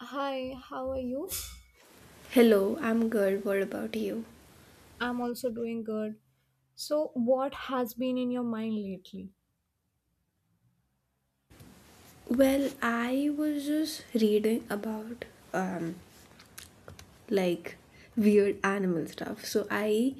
Hi, how are you? Hello, I'm good. What about you? I'm also doing good. So, what has been in your mind lately? Well, I was just reading about um like weird animal stuff. So I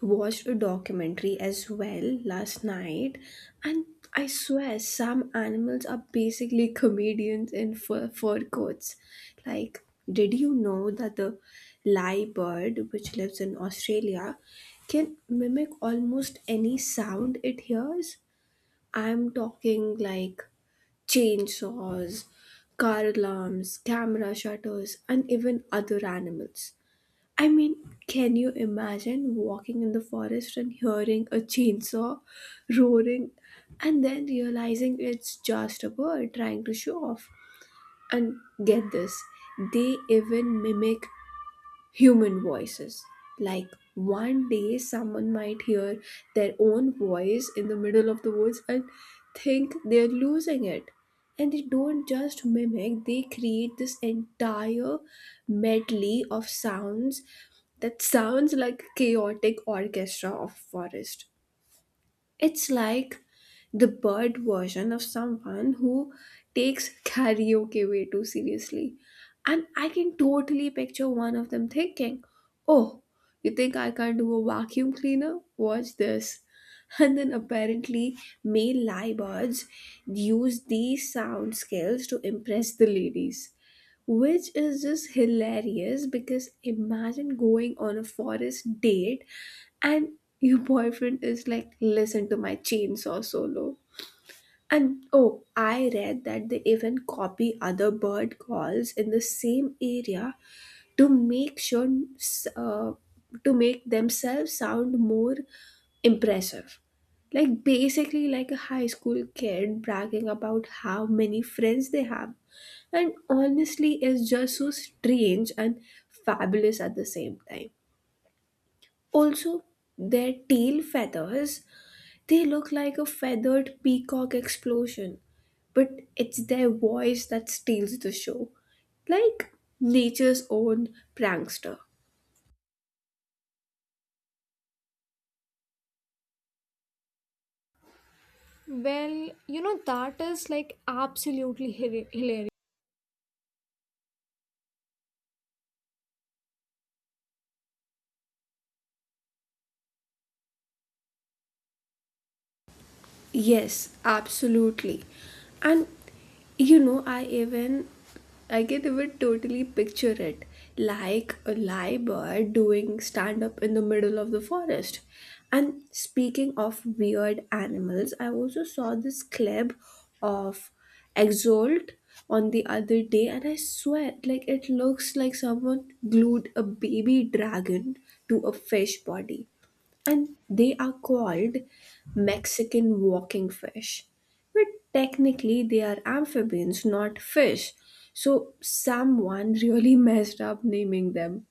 watched a documentary as well last night, and I swear some animals are basically comedians in fur coats. Like, did you know that the lyrebird, which lives in Australia, can mimic almost any sound it hears? I'm talking like chainsaws, car alarms, camera shutters, and even other animals. I mean, can you imagine walking in the forest and hearing a chainsaw roaring and then realizing it's just a bird trying to show off? And get this, they even mimic human voices. Like one day, someone might hear their own voice in the middle of the woods and think they're losing it. And they don't just mimic, they create this entire medley of sounds that sounds like a chaotic orchestra of forest. It's like the bird version of someone who takes karaoke way too seriously. And I can totally picture one of them thinking, "Oh, you think I can't do a vacuum cleaner? Watch this." And then apparently, male lyrebirds use these sound skills to impress the ladies, which is just hilarious because imagine going on a forest date and your boyfriend is like, "Listen to my chainsaw solo." And oh, I read that they even copy other bird calls in the same area to make sure, uh, to make themselves sound more impressive, basically like a high school kid bragging about how many friends they have. And honestly, is just so strange and fabulous at the same time. Also, their tail feathers, they look like a feathered peacock explosion, but it's their voice that steals the show. Like nature's own prankster. Well, that is like absolutely hilarious. Yes, absolutely. And you know, I can even totally picture it, like a lyrebird doing stand up in the middle of the forest. And speaking of weird animals, I also saw this clip of Exalt on the other day, and I swear, like it looks like someone glued a baby dragon to a fish body, and they are called Mexican walking fish. But technically, they are amphibians, not fish. So, someone really messed up naming them.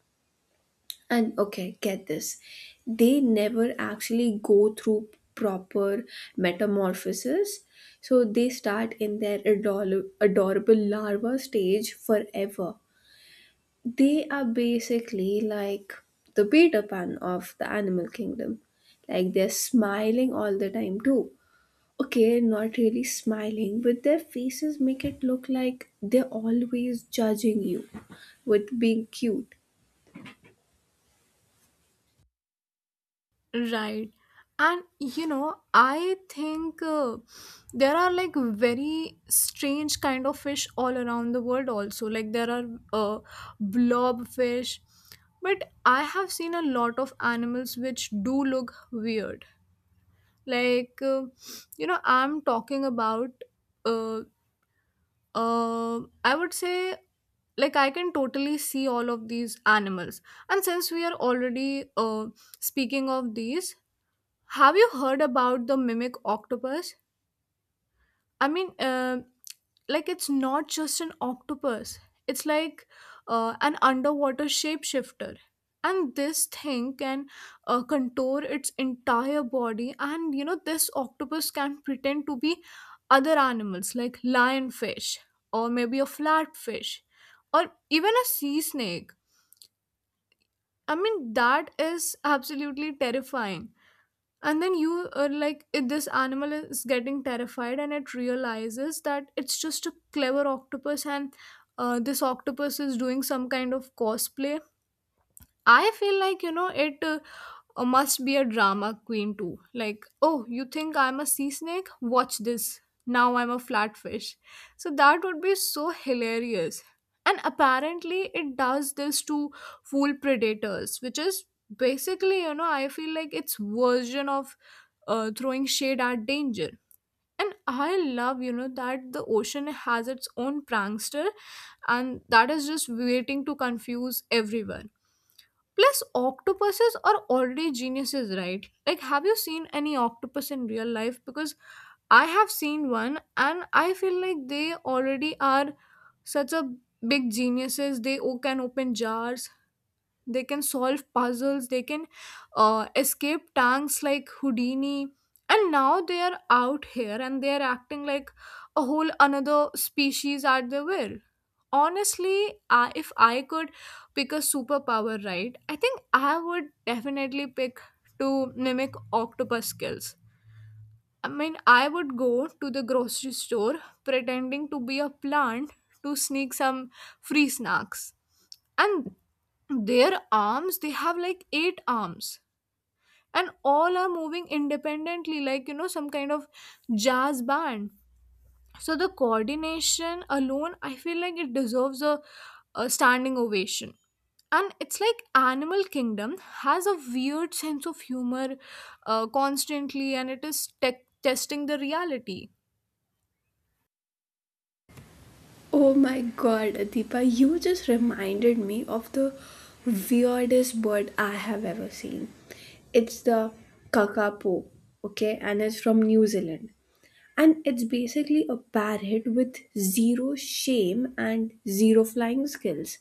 And okay, get this, they never actually go through proper metamorphosis. So, they start in their adorable larva stage forever. They are basically like the Peter Pan of the animal kingdom. Like they're smiling all the time too. Okay, not really smiling, but their faces make it look like they're always judging you with being cute. Right. And I think there are like very strange kind of fish all around the world also. Like there are uh, blob fish, but I have seen a lot of animals which do look weird. Like I'm talking about uh, I would say, like, I can totally see all of these animals. And since we are already speaking of these, have you heard about the mimic octopus? I mean, like, it's not just an octopus. It's like an underwater shapeshifter. And this thing can contour its entire body. And this octopus can pretend to be other animals like lionfish or maybe a flatfish or even a sea snake. I mean, that is absolutely terrifying, and then you are like this animal is getting terrified, and it realizes that it's just a clever octopus. And this octopus is doing some kind of cosplay. I feel like, it, or must be a drama queen too. Like, oh, you think I'm a sea snake? Watch this. Now I'm a flatfish. So that would be so hilarious. And apparently, it does this to fool predators, which is basically, I feel like its version of throwing shade at danger. And I love that the ocean has its own prankster, and that is just waiting to confuse everyone. Plus, octopuses are already geniuses, right? Like, have you seen any octopus in real life? Because I have seen one, and I feel like they already are such a big geniuses. They can open jars, they can solve puzzles, they can escape tanks like Houdini. And now they are out here and they are acting like a whole another species at their will. Honestly, if I could pick a superpower, right, I think I would definitely pick to mimic octopus skills. I mean, I would go to the grocery store pretending to be a plant to sneak some free snacks. And their arms, they have like eight arms, and all are moving independently, like, some kind of jazz band. So the coordination alone, I feel like it deserves a standing ovation. And it's like animal kingdom has a weird sense of humor constantly, and it is tech testing the reality. Oh my god, Adipa, you just reminded me of the weirdest bird I have ever seen. It's the kakapo, okay, and it's from New Zealand. And it's basically a parrot with zero shame and zero flying skills.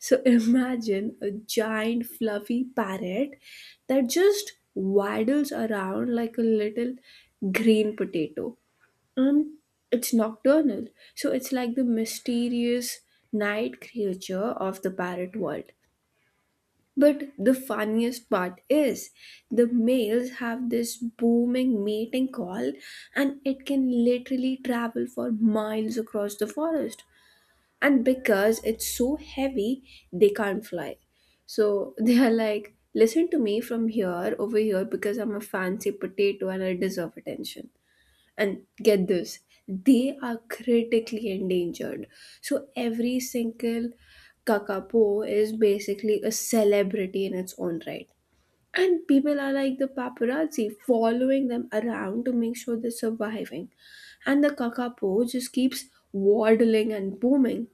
So imagine a giant fluffy parrot that just waddles around like a little green potato. And it's nocturnal. So it's like the mysterious night creature of the parrot world. But the funniest part is the males have this booming mating call, and it can literally travel for miles across the forest. And because it's so heavy, they can't fly. So they are like, "Listen to me from here over here because I'm a fancy potato and I deserve attention." And get this, they are critically endangered. So every single kakapo is basically a celebrity in its own right. And people are like the paparazzi following them around to make sure they're surviving. And the kakapo just keeps waddling and booming,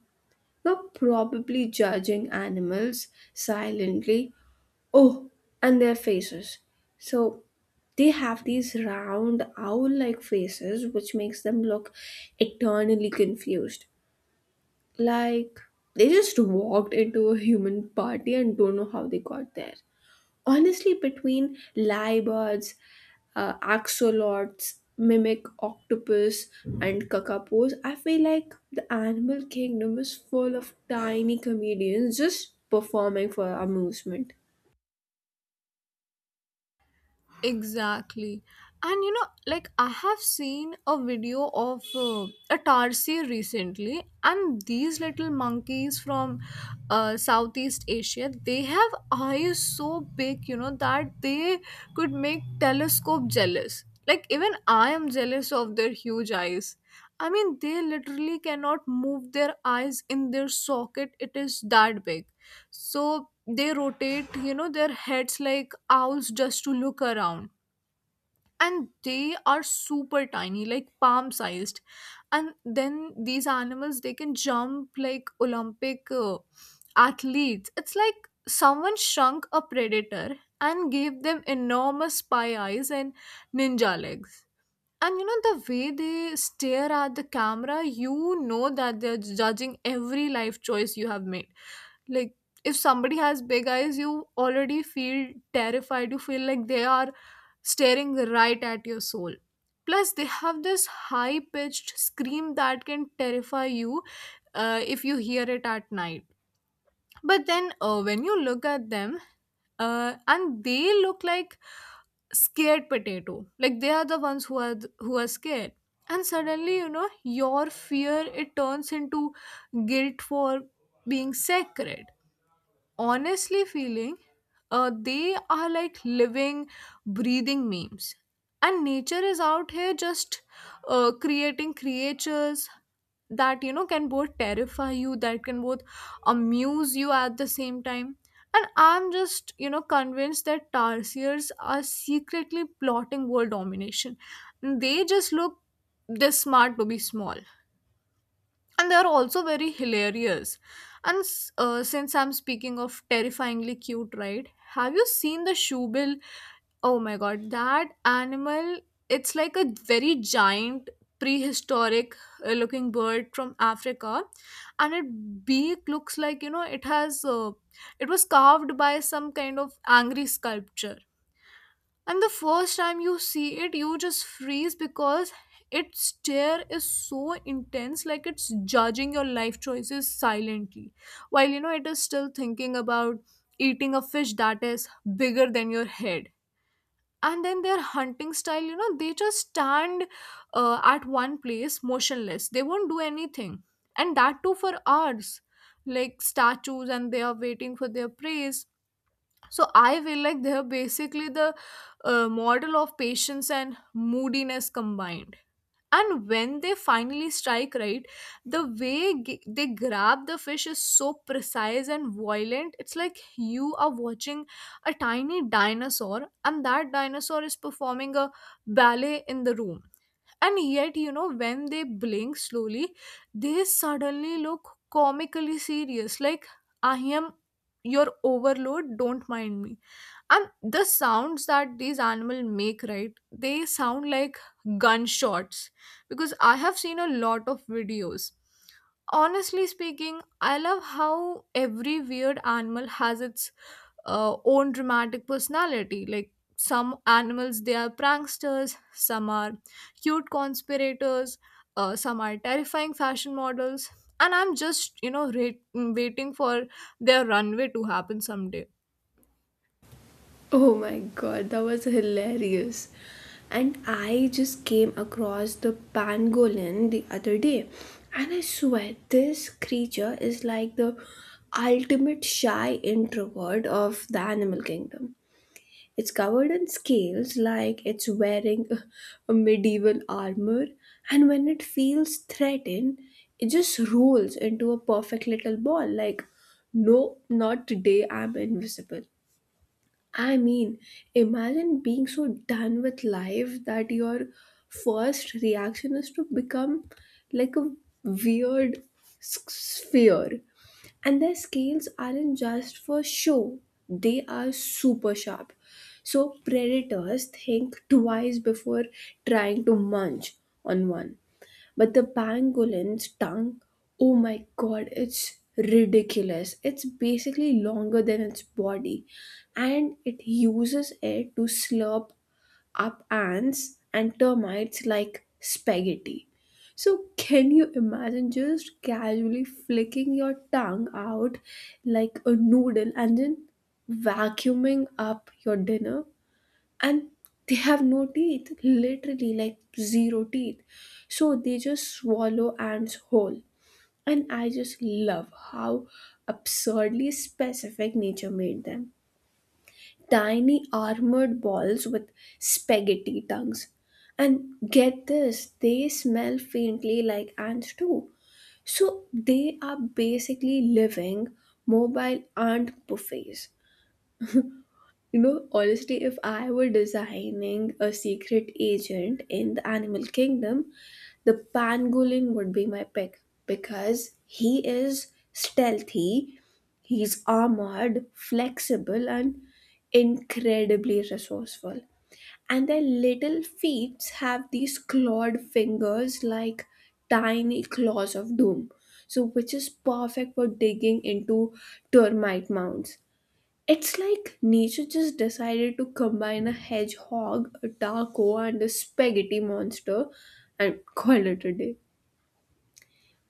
now probably judging animals silently. Oh, and their faces. So they have these round owl-like faces which makes them look eternally confused. Like they just walked into a human party and don't know how they got there. Honestly, between lyrebirds, axolots, mimic octopus, and kakapos, I feel like the animal kingdom is full of tiny comedians just performing for amusement. Exactly. And like, I have seen a video of a tarsier recently, and these little monkeys from Southeast Asia, they have eyes so big that they could make telescope jealous. Like, even I am jealous of their huge eyes. I mean, they literally cannot move their eyes in their socket. It is that big. So they rotate, their heads like owls just to look around. And they are super tiny, like palm sized. And then these animals, they can jump like Olympic athletes. It's like someone shrunk a predator and gave them enormous spy eyes and ninja legs. And the way they stare at the camera, you know that they're judging every life choice you have made. Like, if somebody has big eyes, you already feel terrified. You feel like they are staring right at your soul. Plus, they have this high pitched scream that can terrify you if you hear it at night. But then when you look at them and they look like scared potato, like they are the ones who are who are scared. And suddenly, your fear, it turns into guilt for being sacred. Honestly feeling, they are like living breathing memes, and nature is out here just creating creatures that can both terrify you, that can both amuse you at the same time. And I'm just convinced that tarsiers are secretly plotting world domination. They just look this smart to be small, and they are also very hilarious. And since I'm speaking of terrifyingly cute, right, have you seen the shoebill? Oh my god, that animal, it's like a very giant prehistoric looking bird from Africa. And its beak looks like, it was carved by some kind of angry sculpture. And the first time you see it, you just freeze because its stare is so intense, like it's judging your life choices silently, while, it is still thinking about eating a fish that is bigger than your head. And then their hunting style, they just stand at one place motionless, they won't do anything. And that too for hours, like statues, and they are waiting for their prey. So I feel like they're basically the model of patience and moodiness combined. And when they finally strike, right, the way they grab the fish is so precise and violent. It's like you are watching a tiny dinosaur, and that dinosaur is performing a ballet in the room. And yet, when they blink slowly, they suddenly look comically serious. Like, I am your overload, don't mind me. And the sounds that these animals make, right, they sound like gunshots, because I have seen a lot of videos. Honestly speaking, I love how every weird animal has its own dramatic personality. Like, some animals, they are pranksters, some are cute conspirators, some are terrifying fashion models. And I'm just waiting for their runway to happen someday. Oh my god, that was hilarious. And I just came across the pangolin the other day. And I swear, this creature is like the ultimate shy introvert of the animal kingdom. It's covered in scales like it's wearing a medieval armor, and when it feels threatened, it just rolls into a perfect little ball like, "No, not today, I'm invisible." I mean, imagine being so done with life that your first reaction is to become like a weird sphere. And their scales aren't just for show, they are super sharp. So predators think twice before trying to munch on one. But the pangolin's tongue, oh my god, it's ridiculous. It's basically longer than its body, and it uses it to slurp up ants and termites like spaghetti. So, can you imagine just casually flicking your tongue out like a noodle and then vacuuming up your dinner? And they have no teeth, literally like zero teeth, so they just swallow ants whole. And I just love how absurdly specific nature made them, tiny armored balls with spaghetti tongues. And get this, they smell faintly like ants too, so they are basically living mobile ant buffets. You know, honestly, if I were designing a secret agent in the animal kingdom, the pangolin would be my pick because he is stealthy, he's armored, flexible, and incredibly resourceful. And their little feet have these clawed fingers like tiny claws of doom, so which is perfect for digging into termite mounds. It's like nature just decided to combine a hedgehog, a taco, and a spaghetti monster and call it a day.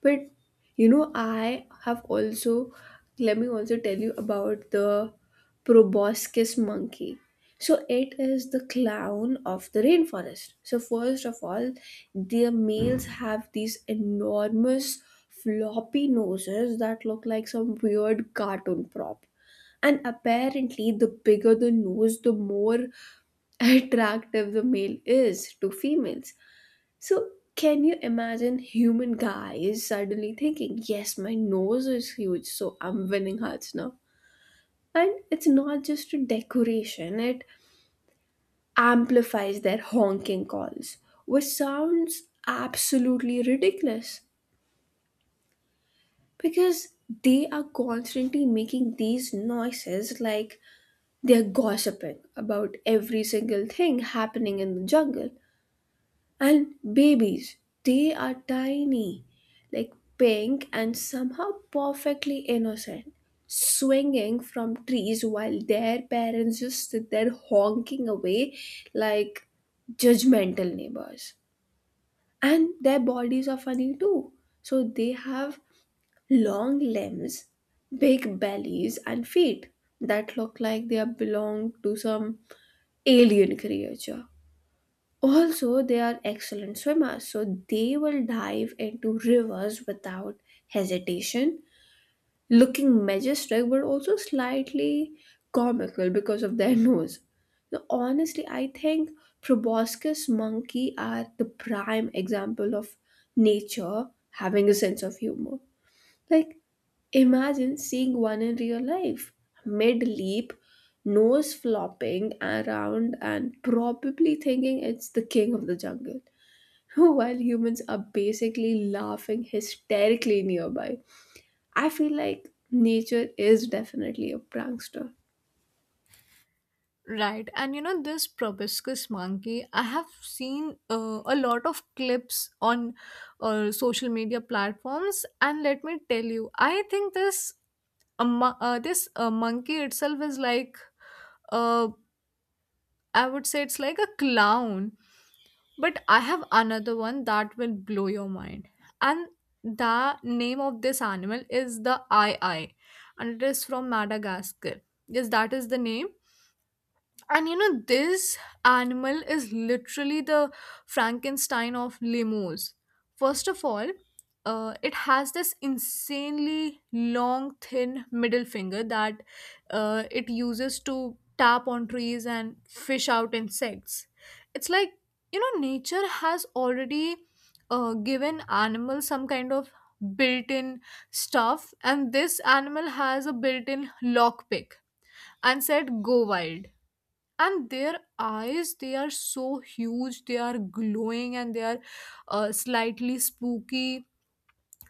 But you know, I have also let me also tell you about the proboscis monkey. So it is the clown of the rainforest. So first of all, their males have these enormous floppy noses that look like some weird cartoon prop. And apparently, the bigger the nose, the more attractive the male is to females. So, can you imagine human guys suddenly thinking, "Yes, my nose is huge, so I'm winning hearts now." And it's not just a decoration, it amplifies their honking calls, which sounds absolutely ridiculous because they are constantly making these noises like they're gossiping about every single thing happening in the jungle. And babies, they are tiny, like pink and somehow perfectly innocent, swinging from trees while their parents just sit there honking away like judgmental neighbors. And their bodies are funny too. So they have long limbs, big bellies, and feet that look like they belong to some alien creature. Also, they are excellent swimmers, so they will dive into rivers without hesitation, looking majestic but also slightly comical because of their nose. Now, honestly, I think proboscis monkey are the prime example of nature having a sense of humor. Like, imagine seeing one in real life, mid leap, nose flopping around, and probably thinking it's the king of the jungle, while humans are basically laughing hysterically nearby. I feel like nature is definitely a prankster. Right, and this proboscis monkey. I have seen a lot of clips on social media platforms, and let me tell you, I think this monkey itself is like, uh, I would say it's like a clown. But I have another one that will blow your mind, and the name of this animal is the eye eye, and it is from Madagascar. Yes, that is the name. And this animal is literally the Frankenstein of lemurs. First of all, it has this insanely long, thin middle finger that it uses to tap on trees and fish out insects. It's like, nature has already given animals some kind of built in stuff, and this animal has a built in lockpick and said, go wild. And their eyes, they are so huge, they are glowing, and they are slightly spooky,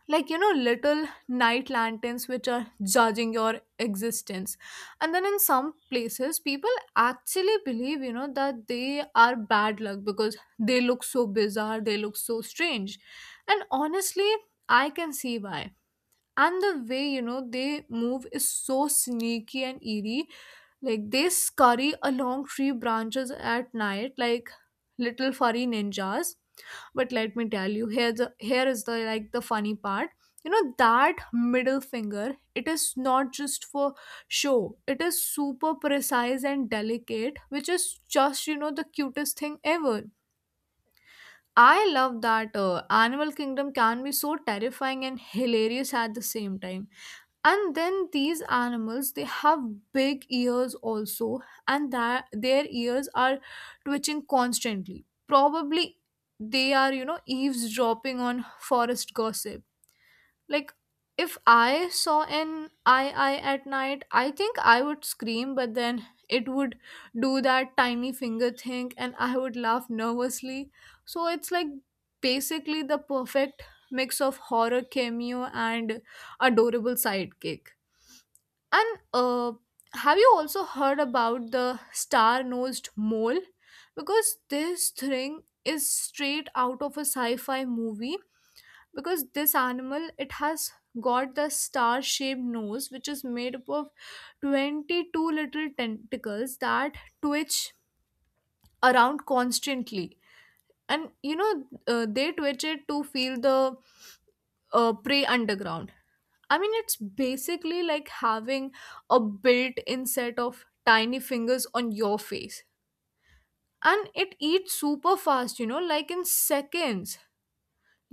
like little night lanterns, which are judging your existence. And then in some places, people actually believe that they are bad luck because they look so bizarre, they look so strange. And honestly, I can see why. And the way they move is so sneaky and eerie, like they scurry along tree branches at night like little furry ninjas. But let me tell you, here, the here is the, like, the funny part. You know that middle finger, it is not just for show, it is super precise and delicate, which is just the cutest thing ever. I love that animal kingdom can be so terrifying and hilarious at the same time. And then these animals, they have big ears also, and that their ears are twitching constantly, probably they are eavesdropping on forest gossip. Like, if I saw an ii at night, I think I would scream, but then it would do that tiny finger thing and I would laugh nervously. So it's like basically the perfect mix of horror cameo and adorable sidekick. And have you also heard about the star nosed mole? Because this thing is straight out of a sci fi movie. Because this animal, it has got the star shaped nose, which is made up of 22 little tentacles that twitch around constantly. And they twitch it to feel the prey underground. I mean, it's basically like having a built in set of tiny fingers on your face. And it eats super fast, like in seconds.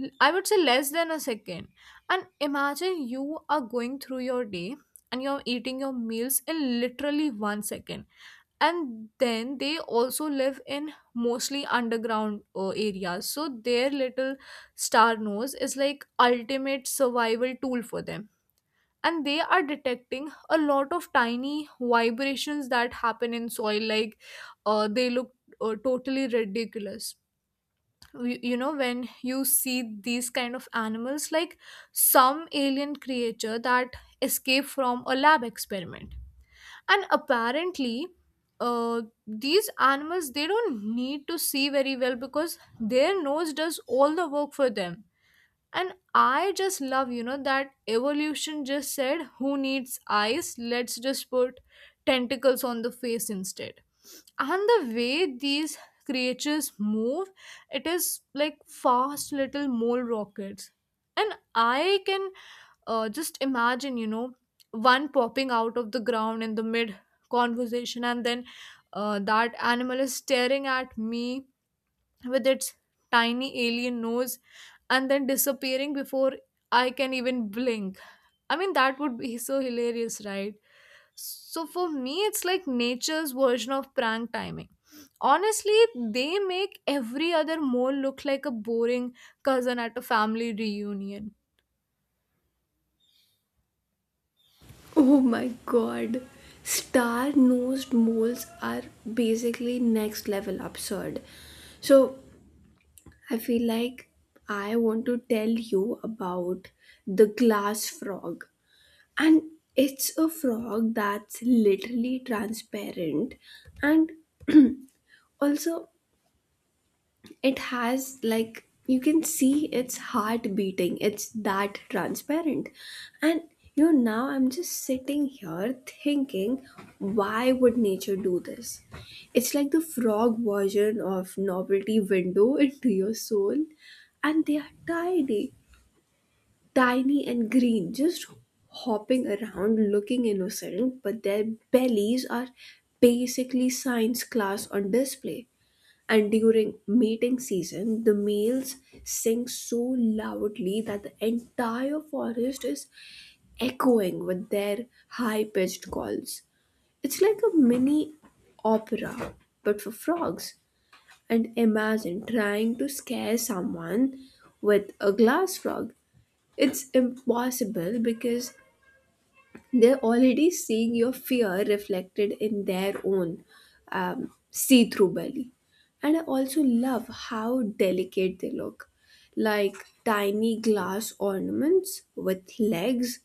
I would say less than a second. And imagine you are going through your day and you're eating your meals in literally 1 second. And then they also live in mostly underground areas. So their little star nose is like ultimate survival tool for them, and they are detecting a lot of tiny vibrations that happen in soil, like, they look totally ridiculous. You, you know, when you see these kind of animals, like some alien creature that escaped from a lab experiment. And apparently, uh, these animals, they don't need to see very well because their nose does all the work for them. And I just love that evolution just said, who needs eyes? Let's just put tentacles on the face instead. And the way these creatures move, it is like fast little mole rockets. And I can, just imagine, one popping out of the ground in the mid conversation, and then that animal is staring at me with its tiny alien nose and then disappearing before I can even blink. I mean, that would be so hilarious, right? So for me, it's like nature's version of prank timing. Honestly, they make every other mole look like a boring cousin at a family reunion. Oh my god. Star nosed moles are basically next level absurd. So I feel like I want to tell you about the glass frog. And it's a frog that's literally transparent, and also it has, like, you can see its heart beating, it's that transparent. And you know, now I'm just sitting here thinking, why would nature do this? It's like the frog version of novelty window into your soul. And they are tiny, tiny and green, just hopping around looking innocent, but their bellies are basically science class on display. And during mating season, the males sing so loudly that the entire forest is echoing with their high pitched calls. It's like a mini opera, but for frogs. And imagine trying to scare someone with a glass frog. It's impossible because they're already seeing your fear reflected in their own see through belly. And I also love how delicate they look, like tiny glass ornaments with legs.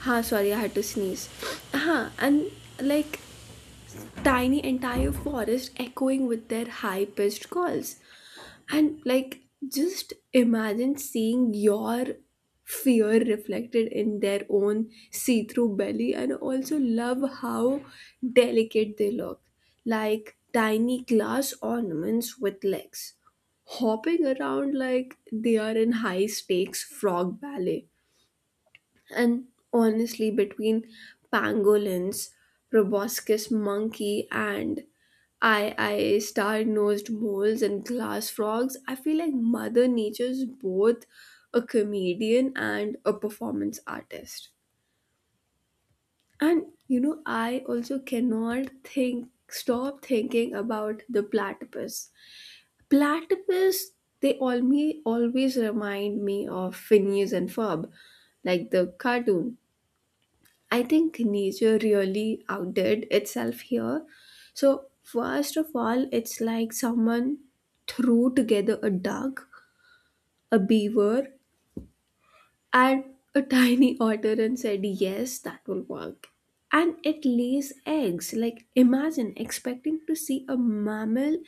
Ha, sorry, I had to sneeze. Ha, and like tiny entire forest echoing with their high pitched calls. And like, just imagine seeing your fear reflected in their own see through belly, and also love how delicate they look like tiny glass ornaments with legs, hopping around like they are in high stakes frog ballet. And honestly, between pangolins, proboscis monkey, and I star-nosed moles and glass frogs, I feel like Mother Nature is both a comedian and a performance artist. And you know, I also cannot think stop thinking about the platypus. Platypus, they all me always remind me of Phineas and Ferb, like the cartoon. I think nature really outdid itself here. So, first of all, it's like someone threw together a duck, a beaver, and a tiny otter and said, "Yes, that will work." And it lays eggs. Like, imagine expecting to see a mammal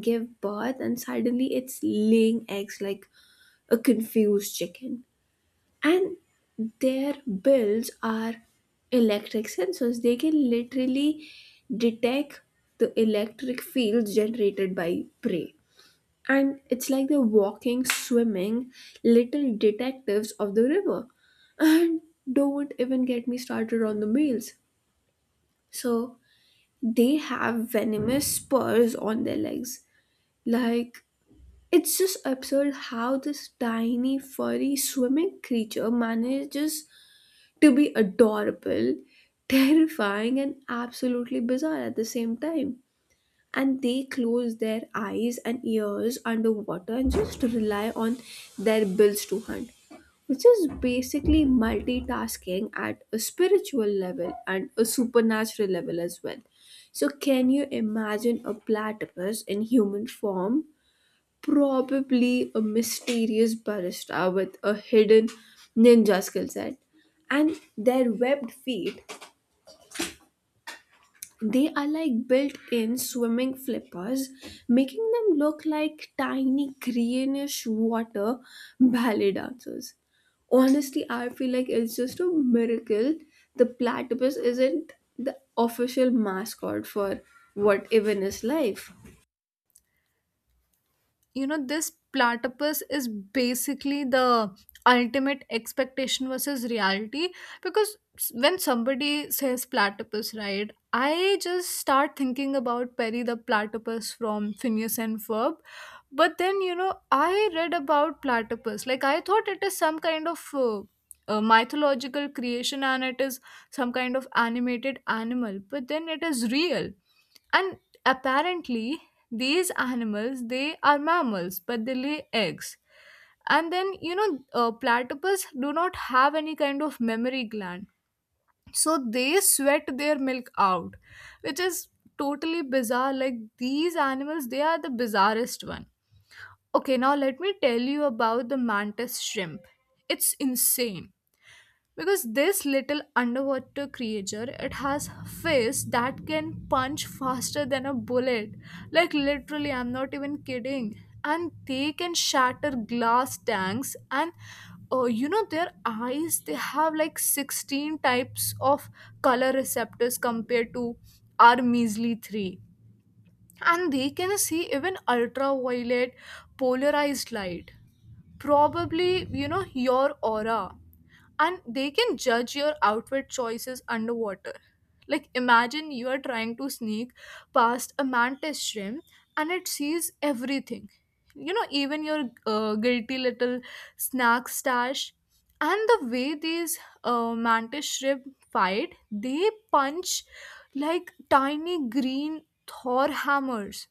give birth, and suddenly it's laying eggs like a confused chicken. And their bills are electric sensors, they can literally detect the electric fields generated by prey, and it's like the walking swimming little detectives of the river. And don't even get me started on the males. So they have venomous spurs on their legs. Like, it's just absurd how this tiny furry swimming creature manages to be adorable, terrifying, and absolutely bizarre at the same time. And they close their eyes and ears underwater and just rely on their bills to hunt, which is basically multitasking at a spiritual level and a supernatural level as well. So, can you imagine a platypus in human form, probably a mysterious barista with a hidden ninja skill set. And their webbed feet, they are like built in swimming flippers, making them look like tiny greenish water ballet dancers. Honestly, I feel like it's just a miracle the platypus isn't the official mascot for what even is life. You know, this platypus is basically the ultimate expectation versus reality, because when somebody says platypus, right, I just start thinking about Perry the Platypus from Phineas and Ferb. But then, I read about platypus, like, I thought it is some kind of a mythological creation, and it is some kind of animated animal, but then it is real. And apparently, these animals, they are mammals, but they lay eggs. And then, platypus do not have any kind of memory gland, so they sweat their milk out, which is totally bizarre. Like, these animals, they are the bizarrest one. Okay, now let me tell you about the mantis shrimp. It's insane, because this little underwater creature, it has fists that can punch faster than a bullet, like literally, I'm not even kidding. And they can shatter glass tanks. And their eyes, they have like 16 types of color receptors compared to our measly 3, and they can see even ultraviolet polarized light, probably, your aura. And they can judge your outfit choices underwater. Like, imagine you are trying to sneak past a mantis shrimp and it sees everything, even your guilty little snack stash. And the way these mantis shrimp fight, they punch like tiny green Thor hammers.